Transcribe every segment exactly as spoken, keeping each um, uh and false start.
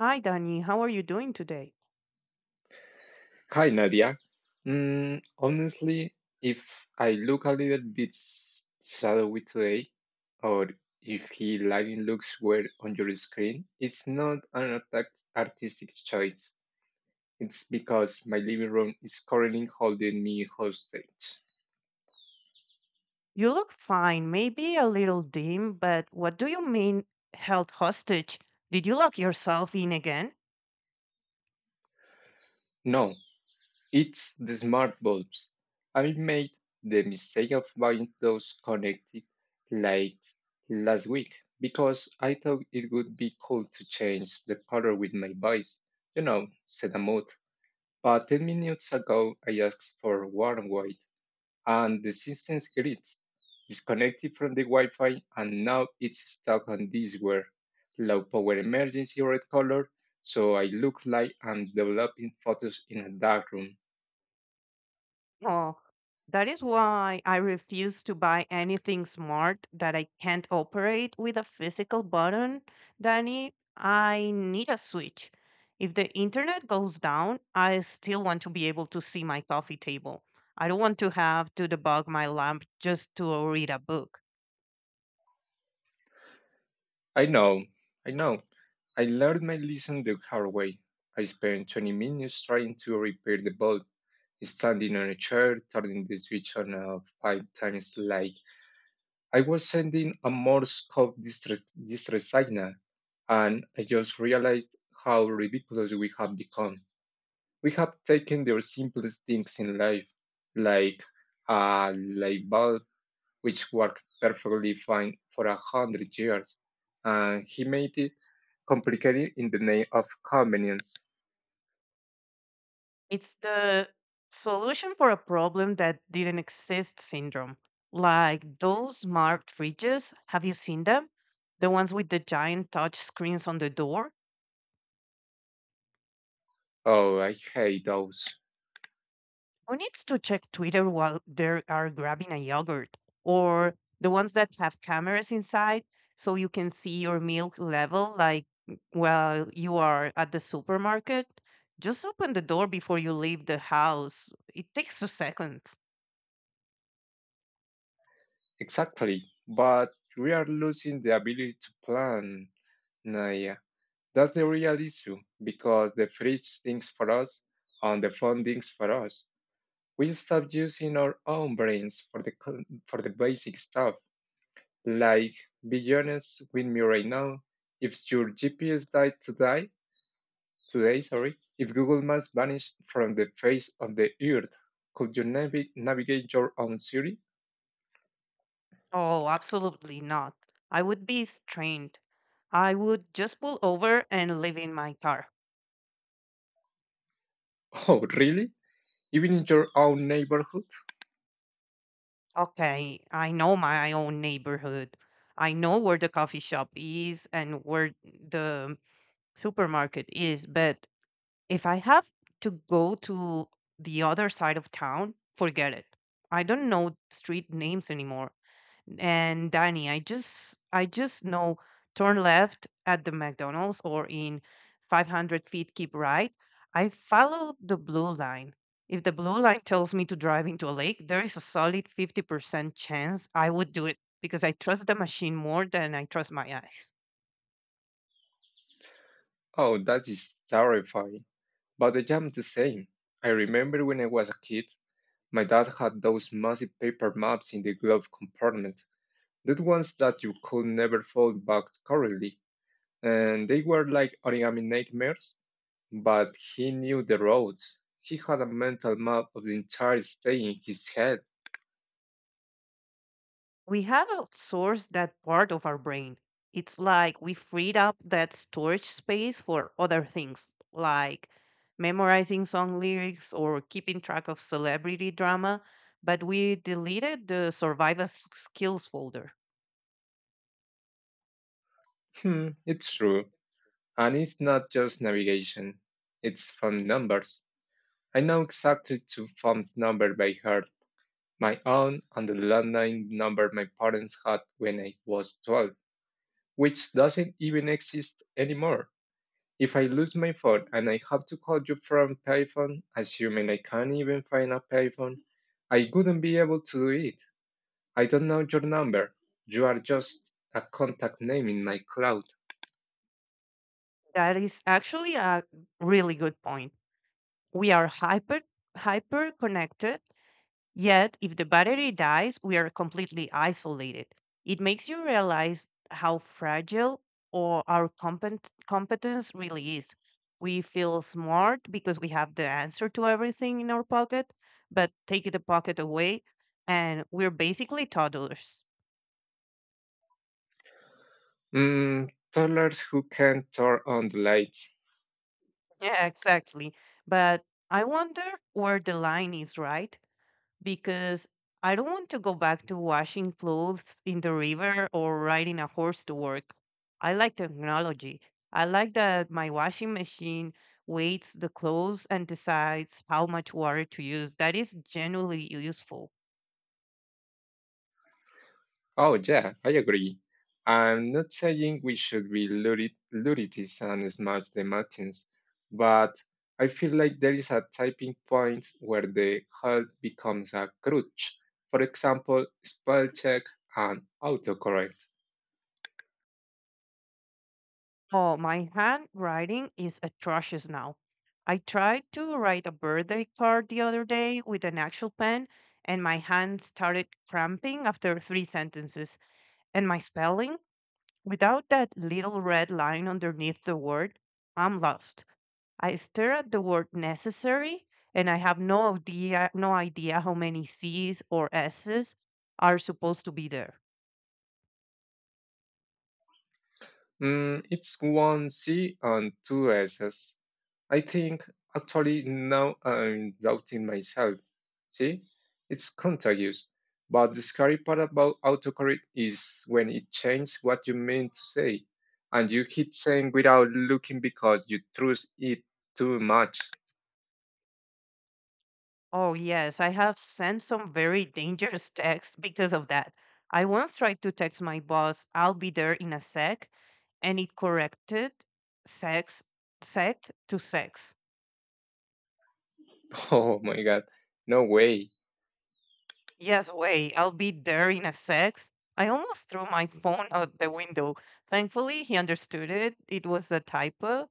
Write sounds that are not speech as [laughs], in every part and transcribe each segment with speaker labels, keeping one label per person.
Speaker 1: Hi, Danny. How are you doing today?
Speaker 2: Hi, Nadia. Mm, honestly, if I look a little bit s- shadowy today, or if he lighting looks weird on your screen, it's not an art- artistic choice. It's because my living room is currently holding me hostage.
Speaker 1: You look fine, maybe a little dim, but what do you mean held hostage? Did you lock yourself in again?
Speaker 2: No, it's the smart bulbs. I made the mistake of buying those connected lights last week because I thought it would be cool to change the color with my voice, you know, set a mood. But ten minutes ago, I asked for warm white and the system gets disconnected from the Wi Fi, and now it's stuck on this where low power emergency red color. So I look like I'm developing photos in a dark room.
Speaker 1: Oh, that is why I refuse to buy anything smart that I can't operate with a physical button, Danny. I need a switch. If the internet goes down, I still want to be able to see my coffee table. I don't want to have to debug my lamp just to read a book.
Speaker 2: I know, I know. I learned my lesson the hard way. I spent twenty minutes trying to repair the bulb, standing on a chair, turning the switch on uh, five times like I was sending a Morse code distress, distress signal, and I just realized how ridiculous we have become. We have taken the simplest things in life, like a light bulb, which worked perfectly fine for a hundred years, and he made it complicated in the name of convenience.
Speaker 1: It's the solution for a problem that didn't exist syndrome. Like those marked fridges, have you seen them? The ones with the giant touch screens on the door?
Speaker 2: Oh, I hate those.
Speaker 1: Who needs to check Twitter while they are grabbing a yogurt? Or the ones that have cameras inside so you can see your milk level like while you are at the supermarket? Just open the door before you leave the house. It takes two seconds.
Speaker 2: Exactly. But we are losing the ability to plan, Naya. That's the real issue because the fridge thinks for us and the phone thinks for us. We stop using our own brains for the co- for the basic stuff. Like, be honest with me right now. If your G P S died today, today, sorry, if Google Maps vanished from the face of the earth, could you navi- navigate your own city?
Speaker 1: Oh, absolutely not. I would be strained. I would just pull over and live in my car.
Speaker 2: [laughs] Oh, really? Even in your own neighborhood?
Speaker 1: Okay, I know my own neighborhood. I know where the coffee shop is and where the supermarket is, but if I have to go to the other side of town, forget it. I don't know street names anymore. And Danny, I just I just know turn left at the McDonald's or in five hundred feet keep right. I follow the blue line. If the blue line tells me to drive into a lake, there is a solid fifty percent chance I would do it because I trust the machine more than I trust my eyes.
Speaker 2: Oh, that is terrifying. But I am the same. I remember when I was a kid, my dad had those massive paper maps in the glove compartment, the ones that you could never fold back correctly, and they were like origami nightmares, but he knew the roads. He had a mental map of the entire state in his head.
Speaker 1: We have outsourced that part of our brain. It's like we freed up that storage space for other things, like memorizing song lyrics or keeping track of celebrity drama, but we deleted the survival s- skills folder.
Speaker 2: Hmm. [laughs] It's true. And it's not just navigation, it's phone numbers. I know exactly two phone numbers by heart, my own and the landline number my parents had when I was twelve, which doesn't even exist anymore. If I lose my phone and I have to call you from payphone, assuming I can't even find a payphone, I wouldn't be able to do it. I don't know your number. You are just a contact name in my cloud.
Speaker 1: That is actually a really good point. We are hyper hyper connected. Yet, if the battery dies, we are completely isolated. It makes you realize how fragile or our compet- competence really is. We feel smart because we have the answer to everything in our pocket, but take the pocket away and we're basically toddlers. [laughs]
Speaker 2: Mm, toddlers who can turn on the light.
Speaker 1: Yeah, exactly. But I wonder where the line is, right? Because I don't want to go back to washing clothes in the river or riding a horse to work. I like technology. I like that my washing machine weighs the clothes and decides how much water to use. That is genuinely useful.
Speaker 2: Oh, yeah, I agree. I'm not saying we should be lurid- luddites and smash the machines, but I feel like there is a tipping point where the help becomes a crutch. For example, spell check and autocorrect.
Speaker 1: Oh, my handwriting is atrocious now. I tried to write a birthday card the other day with an actual pen, and my hand started cramping after three sentences. And my spelling? Without that little red line underneath the word, I'm lost. I stare at the word necessary and I have no idea no idea how many C's or S's are supposed to be there.
Speaker 2: Mm, it's one C and two S's. I think actually now I'm doubting myself. See, it's contagious. But the scary part about autocorrect is when it changes what you mean to say, and you keep saying without looking because you trust it too much.
Speaker 1: Oh yes, I have sent some very dangerous [laughs] texts because of that. I once tried to text my boss, I'll be there in a sec, and it corrected sex sec to sex.
Speaker 2: [laughs] Oh my God, no way!
Speaker 1: Yes, wait, I'll be there in a sec. I almost threw my phone out the window. Thankfully, he understood it. It was a typo,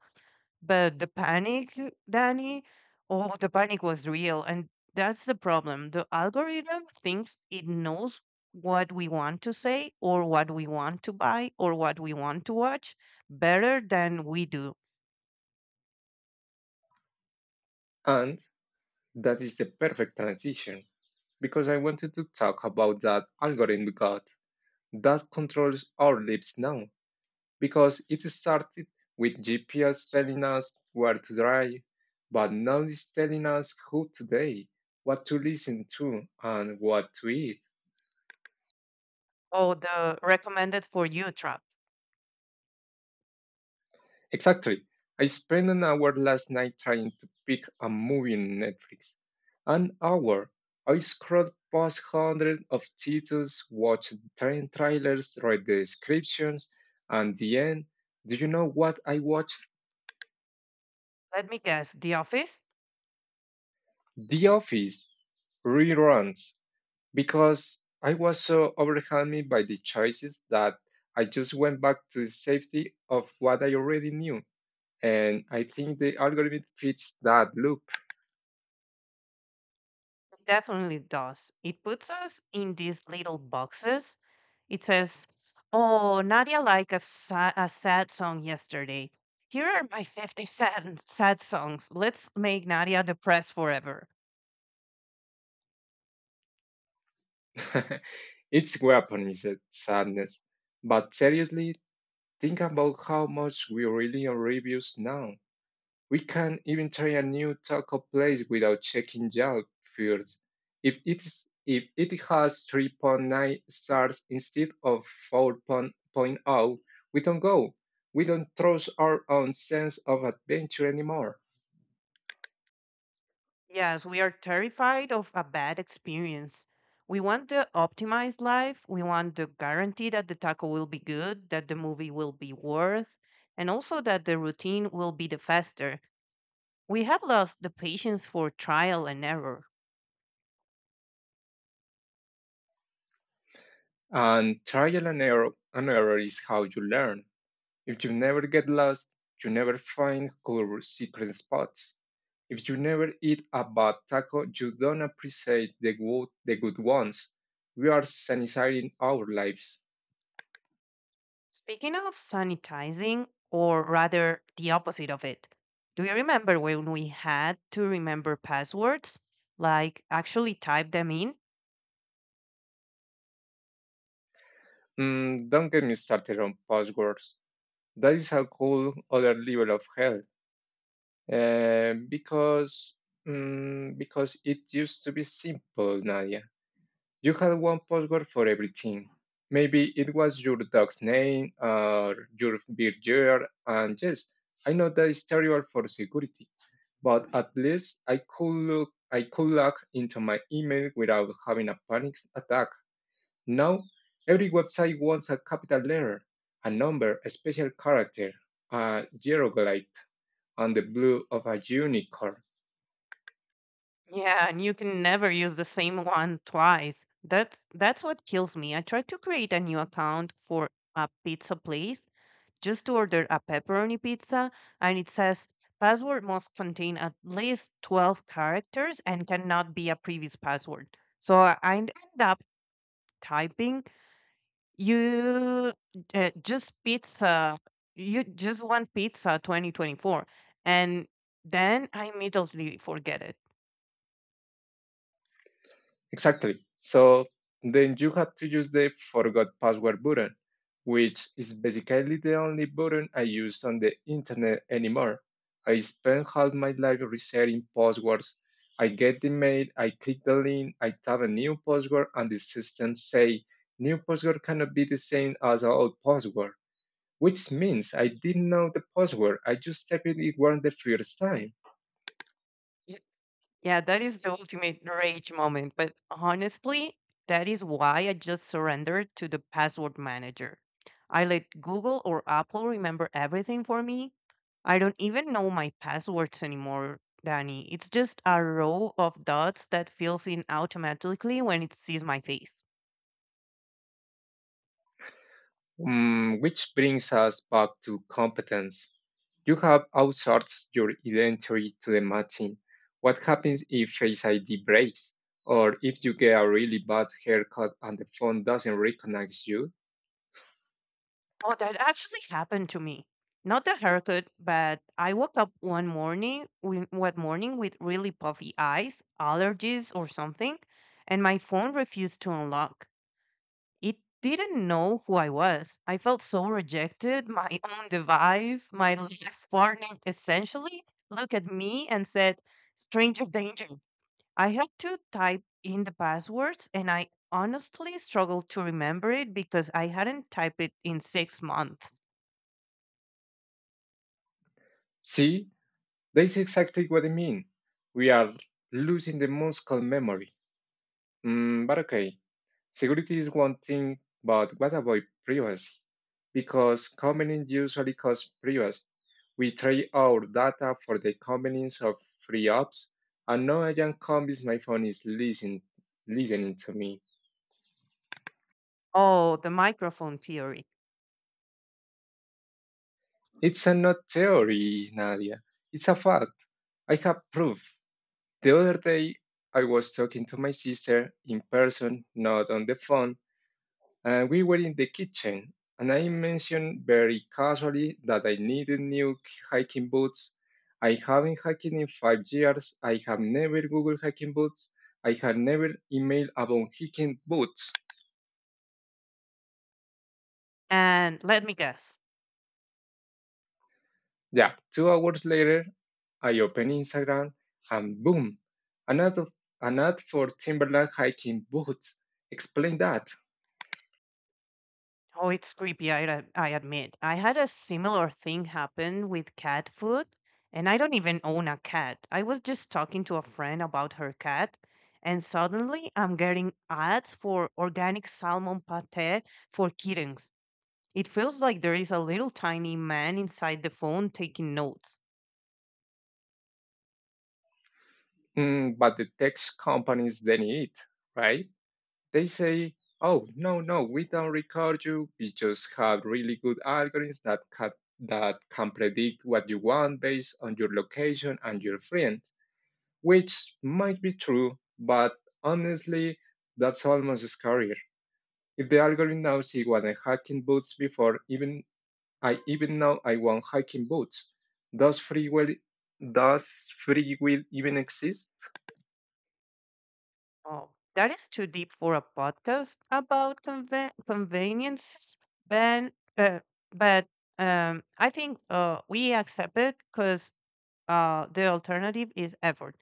Speaker 1: but the panic, Danny, oh, the panic was real. And that's the problem. The algorithm thinks it knows what we want to say, or what we want to buy, or what we want to watch better than we do.
Speaker 2: And that is the perfect transition because I wanted to talk about that algorithm God. That controls our lives now because it started with G P S telling us where to drive, but now it's telling us who to date, what to listen to, and what to eat.
Speaker 1: Oh, the recommended for you trap.
Speaker 2: Exactly. I spent an hour last night trying to pick a movie on Netflix. An hour. I scrolled past hundreds of titles, watched ten trailers, read the descriptions, and the end. Do you know what I watched?
Speaker 1: Let me guess, The Office?
Speaker 2: The Office reruns because I was so overwhelmed by the choices that I just went back to the safety of what I already knew. And I think the algorithm fits that loop.
Speaker 1: Definitely does. It puts us in these little boxes. It says, oh, Nadia liked a, sa- a sad song yesterday. Here are my fifty, sad songs. Let's make Nadia depressed forever.
Speaker 2: [laughs] It's weaponized sadness. But seriously, think about how much we rely on reviews now. We can even try a new taco place without checking Yelp first. If it is if it has three point nine stars instead of 4.0, we don't go. We don't trust our own sense of adventure anymore.
Speaker 1: Yes, we are terrified of a bad experience. We want the optimized life. We want the guarantee that the taco will be good, that the movie will be worth, and also that the routine will be the faster. We have lost the patience for trial and error.
Speaker 2: And trial and error, and error is how you learn. If you never get lost, you never find cool secret spots. If you never eat a bad taco, you don't appreciate the good, the good ones. We are sanitizing our lives.
Speaker 1: Speaking of sanitizing, or rather the opposite of it, do you remember when we had to remember passwords? Like actually type them in?
Speaker 2: Mm, don't get me started on passwords. That is a whole other level of hell. Uh, because mm, because it used to be simple, Nadia. You had one password for everything. Maybe it was your dog's name or your birth year. And yes, I know that is terrible for security, but at least I could look, I could log into my email without having a panic attack. Now, every website wants a capital letter, a number, a special character, a hieroglyph, and the blue of a unicorn.
Speaker 1: Yeah, and you can never use the same one twice. That's that's what kills me. I tried to create a new account for a pizza place just to order a pepperoni pizza and it says password must contain at least 12 characters and cannot be a previous password. So I I end up typing You uh, just pizza. You just want pizza twenty twenty-four. And then I immediately forget it.
Speaker 2: Exactly. So then you have to use the forgot password button, which is basically the only button I use on the internet anymore. I spend half my life resetting passwords. I get the mail, I click the link, I type a new password, and the system say new password cannot be the same as our old password, which means I didn't know the password. I just typed it wrong the first time.
Speaker 1: Y- Yeah, that is the ultimate rage moment. But honestly, that is why I just surrendered to the password manager. I let Google or Apple remember everything for me. I don't even know my passwords anymore, Danny. It's just a row of dots that fills in automatically when it sees my face.
Speaker 2: Mm, which brings us back to competence. You have outsourced your identity to the machine. What happens if Face I D breaks? Or if you get a really bad haircut and the phone doesn't recognize you?
Speaker 1: Oh, that actually happened to me. Not the haircut, but I woke up one morning, wi- one morning with really puffy eyes, allergies or something, and my phone refused to unlock. It didn't know who I was. I felt so rejected. My own device, my life partner essentially looked at me and said, "Stranger danger." I had to type in the passwords, and I honestly struggled to remember it because I hadn't typed it in six months.
Speaker 2: See, that's exactly what I mean. We are losing the muscle memory. Mm, but okay, security is one thing, but what about privacy? Because companies usually cost privacy. We trade our data for the convenience of free apps, and no agent convince my phone is listen, listening to me.
Speaker 1: Oh, the microphone theory.
Speaker 2: It's a not theory, Nadia. It's a fact. I have proof. The other day, I was talking to my sister in person, not on the phone, and we were in the kitchen and I mentioned very casually that I needed new hiking boots. I haven't hiked in five years. I have never Googled hiking boots. I have never emailed about hiking boots.
Speaker 1: And let me guess.
Speaker 2: Yeah, two hours later, I open Instagram and boom, an ad, an ad for Timberland hiking boots. Explain that.
Speaker 1: Oh, it's creepy, I, ad- I admit. I had a similar thing happen with cat food, and I don't even own a cat. I was just talking to a friend about her cat, and suddenly I'm getting ads for organic salmon pate for kittens. It feels like there is a little tiny man inside the phone taking notes.
Speaker 2: Mm, but the tech companies, they need, right? They say, oh, no, no, we don't record you. We just have really good algorithms that can, that can predict what you want based on your location and your friends, which might be true, but honestly, that's almost scarier. If the algorithm knows he want hiking boots before even I even know I want hiking boots, does free will does free will even exist?
Speaker 1: Oh, that is too deep for a podcast about conve- convenience, Ben. Uh, but um, I think uh, we accept it because uh, the alternative is effort.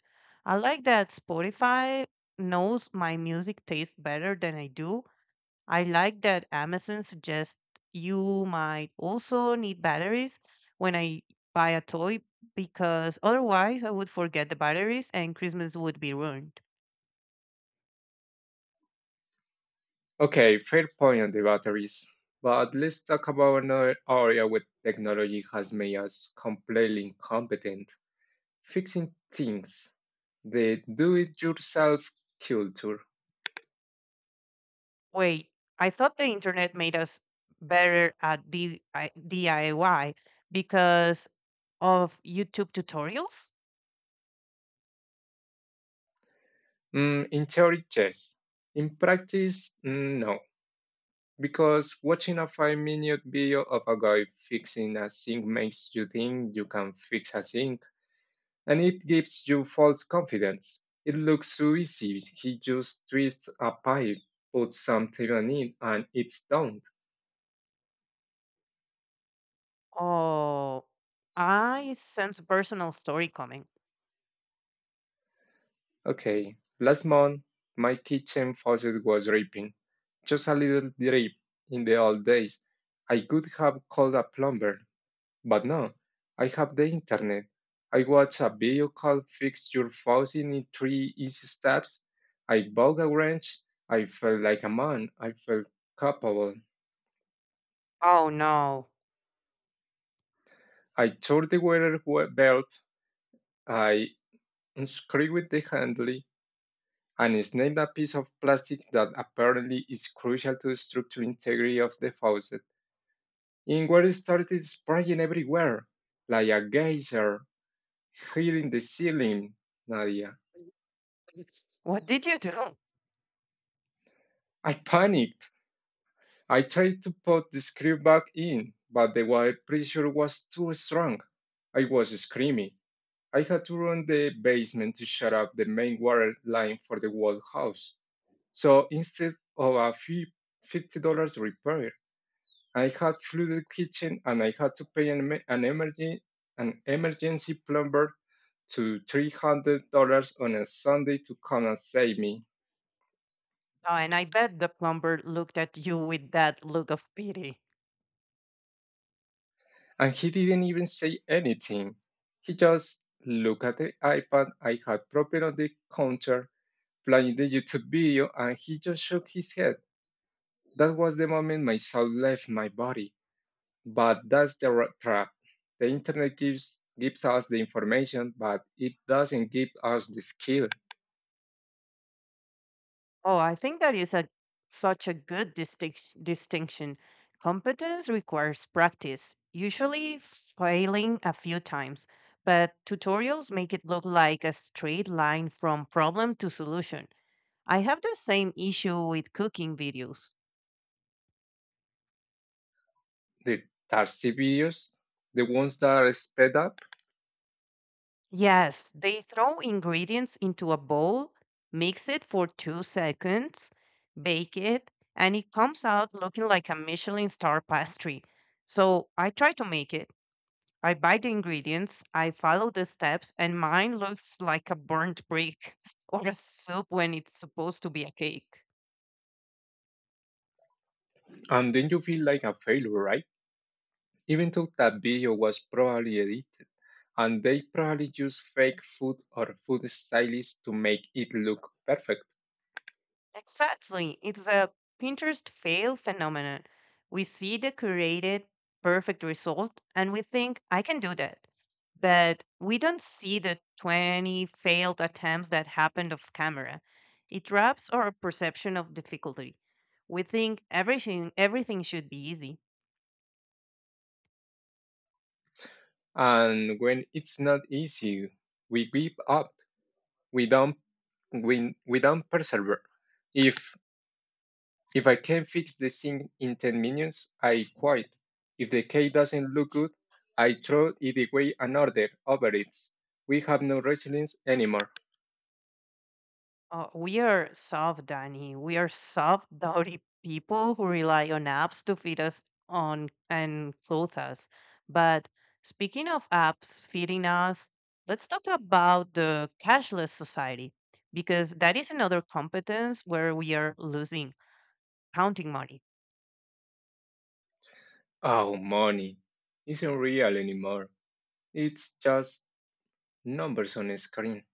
Speaker 1: I like that Spotify knows my music taste better than I do, I like that Amazon suggests you might also need batteries when I buy a toy because otherwise I would forget the batteries and Christmas would be ruined.
Speaker 2: Okay, fair point on the batteries. But let's talk about another area where technology has made us completely incompetent. Fixing things. The do-it-yourself culture.
Speaker 1: Wait, I thought the internet made us better at D- I- D I Y because of YouTube tutorials?
Speaker 2: Mm, in theory, yes. In practice, mm, no. Because watching a five-minute video of a guy fixing a sink makes you think you can fix a sink and it gives you false confidence. It looks so easy. He just twists a pipe, puts some in, and it's done.
Speaker 1: Oh, I sense a personal story coming.
Speaker 2: Okay, last month my kitchen faucet was dripping, just a little drip. In the old days, I could have called a plumber, but no, I have the internet. I watch a video called "Fix Your Faucet in Three Easy Steps." I bought a wrench. I felt like a man. I felt capable.
Speaker 1: Oh no.
Speaker 2: I tore the water wa- valve, I unscrewed the handle, and snapped a piece of plastic that apparently is crucial to the structural integrity of the faucet. And water started spraying everywhere, like a geyser, hitting the ceiling, Nadia.
Speaker 1: [laughs] What did you do?
Speaker 2: I panicked. I tried to put the screw back in, but the water pressure was too strong. I was screaming. I had to run the basement to shut off the main water line for the whole house. So instead of a fee, fifty dollars repair, I had flooded kitchen and I had to pay an, emer- an emergency an emergency plumber to three hundred dollars on a Sunday to come and save me.
Speaker 1: Oh, and I bet the plumber looked at you with that look of pity.
Speaker 2: And he didn't even say anything. He just looked at the iPad I had propped on the counter, playing the YouTube video, and he just shook his head. That was the moment my soul left my body. But that's the ra- trap. The internet gives gives us the information, but it doesn't give us the skill.
Speaker 1: Oh, I think that is a such a good distinc- distinction. Competence requires practice, usually failing a few times, but tutorials make it look like a straight line from problem to solution. I have the same issue with cooking videos.
Speaker 2: The tasty videos, the ones that are sped up,
Speaker 1: Yes, they throw ingredients into a bowl, mix it for two seconds, bake it, and it comes out looking like a Michelin star pastry. So I try to make it. I buy the ingredients, I follow the steps, and mine looks like a burnt brick [laughs] or a soup when it's supposed to be a cake.
Speaker 2: and then you feel like a failure, right? Even though that video was probably edited, and they probably use fake food or food stylists to make it look perfect.
Speaker 1: Exactly. It's a Pinterest fail phenomenon. We see the curated perfect result and we think, I can do that. But we don't see the twenty attempts that happened off camera. It wraps our perception of difficulty. We think everything everything should be easy.
Speaker 2: And when it's not easy, we give up. We don't we, we don't persevere. If If I can fix the thing in ten minutes, I quit. If the cake doesn't look good, I throw it away and order over it. We have no resilience anymore.
Speaker 1: Uh, we are soft, Danny. We are soft, [laughs] dowdy people who rely on apps to feed us on and clothe us. But speaking of apps feeding us, let's talk about the cashless society because that is another competence where we are losing counting money.
Speaker 2: Oh, money isn't real anymore. It's just numbers on a screen.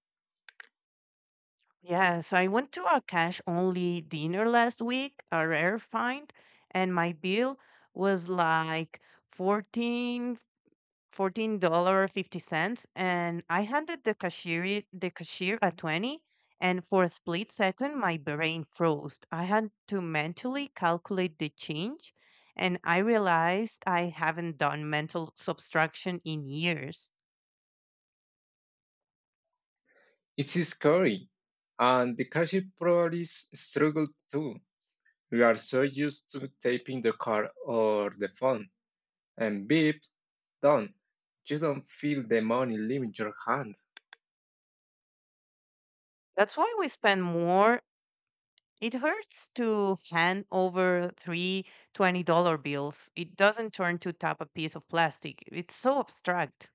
Speaker 1: Yes, I went to a cash only dinner last week, a rare find, and my bill was like 14 $14.50 and I handed the cashier the cashier a twenty and for a split second my brain froze. I had to mentally calculate the change and I realized I haven't done mental subtraction in years.
Speaker 2: It's scary. And the cashier probably s- struggled too. We are so used to tapping the card or the phone and beep, done. You don't feel the money leaving your hand.
Speaker 1: That's why we spend more. It hurts to hand over three dollar bills. It doesn't turn to tap a piece of plastic. It's so abstract.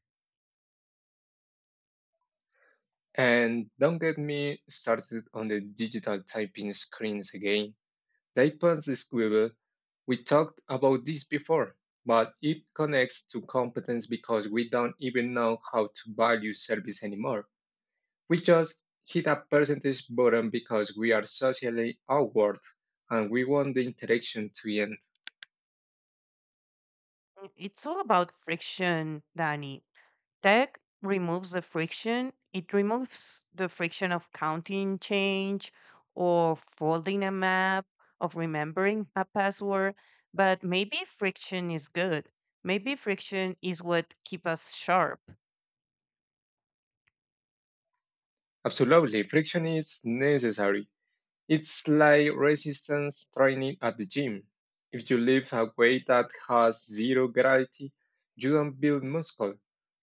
Speaker 2: And don't get me started on the digital typing screens again. The iPad's squiggle, we talked about this before, but it connects to competence because we don't even know how to value service anymore. We just hit a percentage button because we are socially awkward and we want the interaction to end.
Speaker 1: Mm, it's all about friction, Danny. Tech removes the friction. It removes the friction of counting change or folding a map, of remembering a password. But maybe friction is good. Maybe friction is what keeps us sharp.
Speaker 2: Absolutely, friction is necessary, it's like resistance training at the gym. If you lift a weight that has zero gravity, you don't build muscle.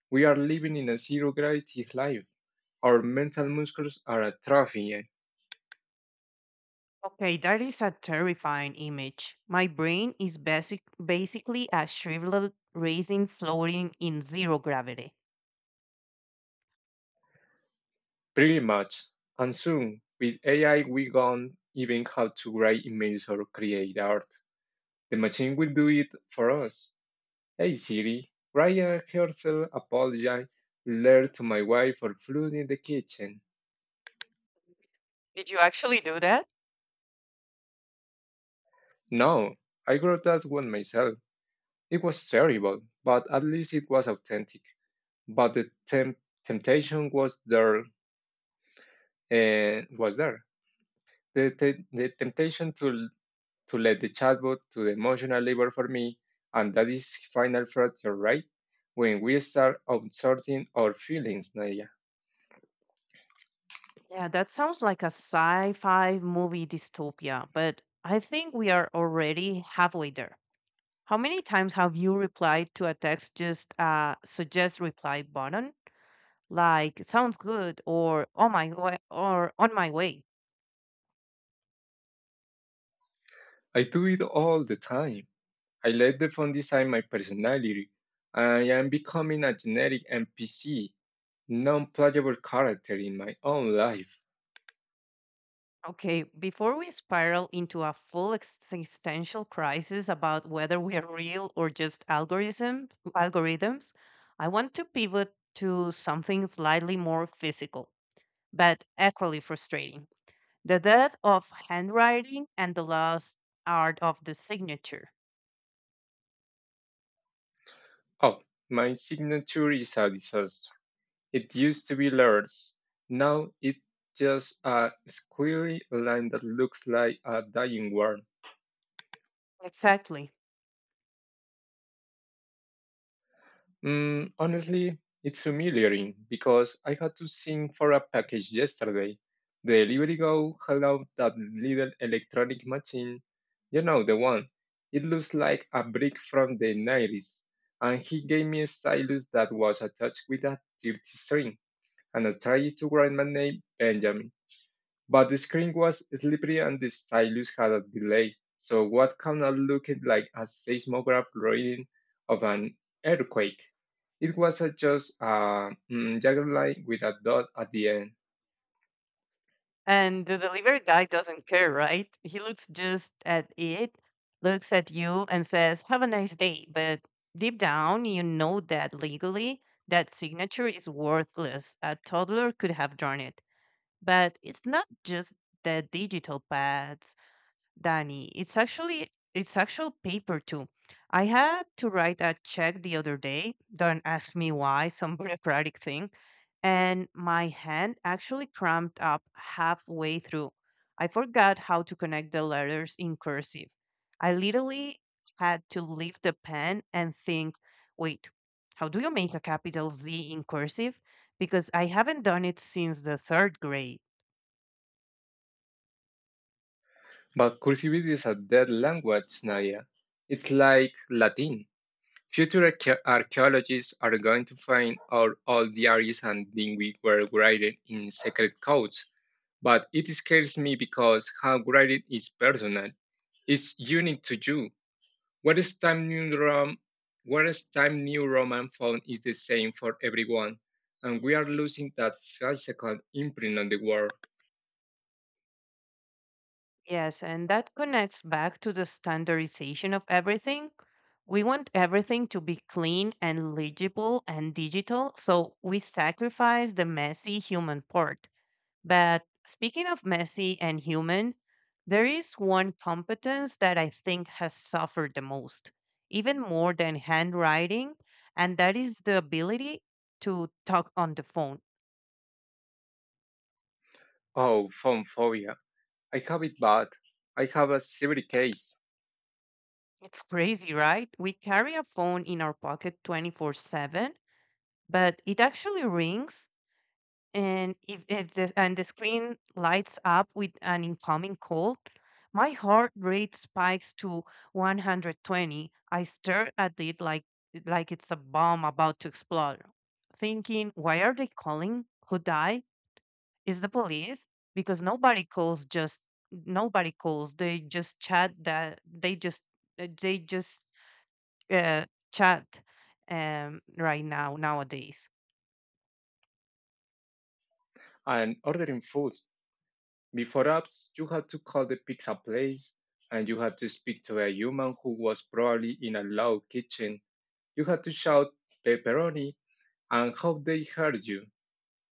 Speaker 2: We are living in a zero gravity life. Our mental muscles are atrophying
Speaker 1: Okay, that is a terrifying image. My brain is basic, basically a shriveled raisin floating in zero gravity.
Speaker 2: pretty much. And soon, with A I, we won't even have to write emails or create art. The machine will do it for us. Hey Siri, write a heartfelt apology letter to my wife for flooding the kitchen.
Speaker 1: Did you actually do that?
Speaker 2: No, I wrote that one myself. It was terrible, but at least it was authentic. But the temp- temptation was there. Uh, was there the, te- the temptation to to let the chatbot do the emotional labor for me, and that is final frontier, right? When we start outsourcing our feelings, Nadia.
Speaker 1: Yeah, that sounds like a sci fi movie dystopia, but I think we are already halfway there. How many times have you replied to a text just uh suggest reply button? Like sounds good or oh my wa- or on my way.
Speaker 2: I do it all the time. I let the phone design my personality. I am becoming a generic N P C, non-playable character in my own life.
Speaker 1: Okay, before we spiral into a full existential crisis about whether we are real or just algorithm algorithms, I want to pivot to something slightly more physical but equally frustrating. The death of handwriting and the lost art of the signature.
Speaker 2: Oh, my signature is a disaster. It used to be letters. Now it's just a squiggly line that looks like a dying word.
Speaker 1: Exactly.
Speaker 2: Mm, honestly, it's humiliating because I had to sing for a package yesterday. The delivery guy held out that little electronic machine, you know, the one. It looks like a brick from the nineties, and he gave me a stylus that was attached with a thirty string, and I tried to write my name Benjamin. But the screen was slippery and the stylus had a delay, so what kind of looked like a seismograph reading of an earthquake. It was a just a mm, jagged line with a dot at the end.
Speaker 1: And the delivery guy doesn't care, right? He looks just at it, looks at you, and says, have a nice day. But deep down, you know that legally, that signature is worthless. A toddler could have drawn it. But it's not just the digital pads, Danny. It's actually it's actual paper too. I had to write a check the other day. Don't ask me why, [laughs] some bureaucratic thing. And my hand actually cramped up halfway through. I forgot how to connect the letters in cursive. I literally had to lift the pen and think, wait, how do you make a capital Z in cursive? Because I haven't done it since the third grade.
Speaker 2: But cursivity is a dead language, Nadia. It's like Latin. Future archae- archaeologists are going to find out all diaries and things were written in secret codes, but it scares me because how writing is personal. It's unique to you. What is Time New rom? What is Time New Roman font is the same for everyone, and we are losing that physical imprint on the world.
Speaker 1: Yes, and that connects back to the standardization of everything. We want everything to be clean and legible and digital, so we sacrifice the messy human part. But speaking of messy and human, there is one competence that I think has suffered the most, even more than handwriting, and that is the ability to talk on the phone.
Speaker 2: Oh, phone phobia! I have it bad. I have a severe case.
Speaker 1: It's crazy, right? We carry a phone in our pocket twenty-four seven, but it actually rings, and if, if the and the screen lights up with an incoming call, my heart rate spikes to one hundred twenty. I stare at it like like it's a bomb about to explode, thinking why are they calling, who died? Is the police, because nobody calls just nobody calls, they just chat, that they just they just uh, chat um right now nowadays.
Speaker 2: I'm ordering food. Before apps, you had to call the pizza place, and you had to speak to a human who was probably in a loud kitchen. You had to shout pepperoni, and how they heard you.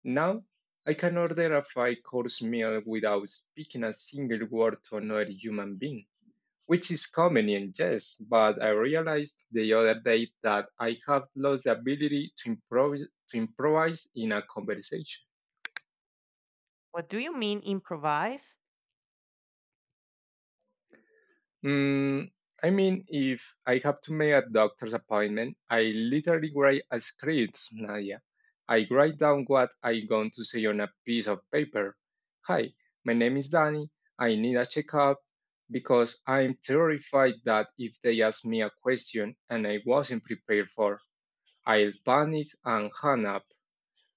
Speaker 2: Now, I can order a five course meal without speaking a single word to another human being, which is convenient, yes, but I realized the other day that I have lost the ability to, improv- to improvise in a conversation.
Speaker 1: What do you mean improvise?
Speaker 2: Mm, I mean, if I have to make a doctor's appointment, I literally write a script, Nadia. I write down what I'm going to say on a piece of paper. Hi, my name is Danny. I need a checkup because I'm terrified that if they ask me a question and I wasn't prepared for, I'll panic and hang up.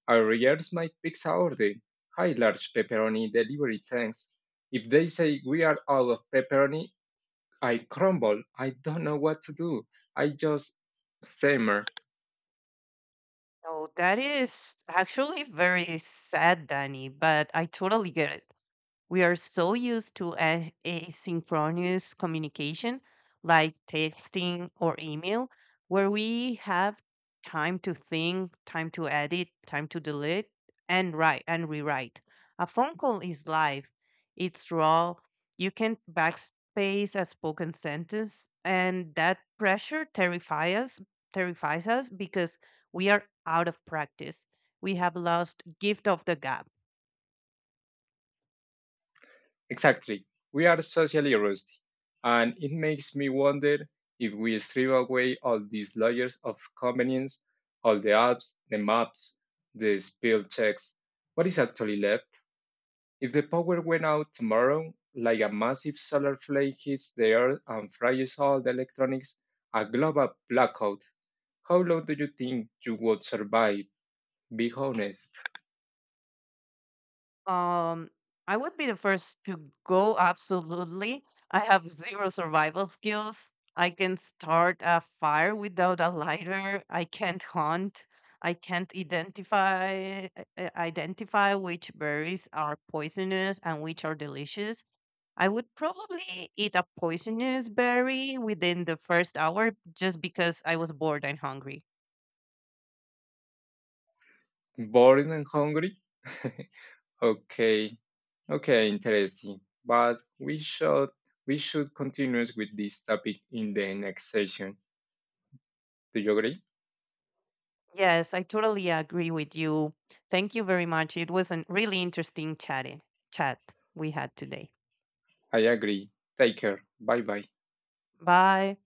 Speaker 2: I rehearse my pizza order. Hi, large pepperoni delivery, thanks. If they say we are out of pepperoni, I crumble. I don't know what to do. I just stammer.
Speaker 1: No, that is actually very sad, Danny, but I totally get it. We are so used to a- asynchronous communication like texting or email, where we have time to think, time to edit, time to delete, and write and rewrite. A phone call is live, it's raw. You can backspace a spoken sentence, and that pressure terrifies us, terrifies us because we are out of practice. We have lost gift of the gab.
Speaker 2: Exactly. We are socially rusty. And it makes me wonder if we strip away all these layers of convenience, all the apps, the maps, the spell checks, what is actually left? If the power went out tomorrow, like a massive solar flare hits the earth and fries all the electronics, a global blackout, how long do you think you would survive? Be honest.
Speaker 1: Um, I would be the first to go, absolutely. I have zero survival skills. I can start a fire without a lighter. I can't hunt. I can't identify i- i- identify which berries are poisonous and which are delicious. I would probably eat a poisonous berry within the first hour just because I was bored and hungry.
Speaker 2: Bored and hungry? [laughs] Okay. Okay, interesting. But we should we should continue with this topic in the next session. Do you agree?
Speaker 1: Yes, I totally agree with you. Thank you very much. It was a really interesting chatting chat we had today.
Speaker 2: I agree. Take care. Bye bye.
Speaker 1: Bye.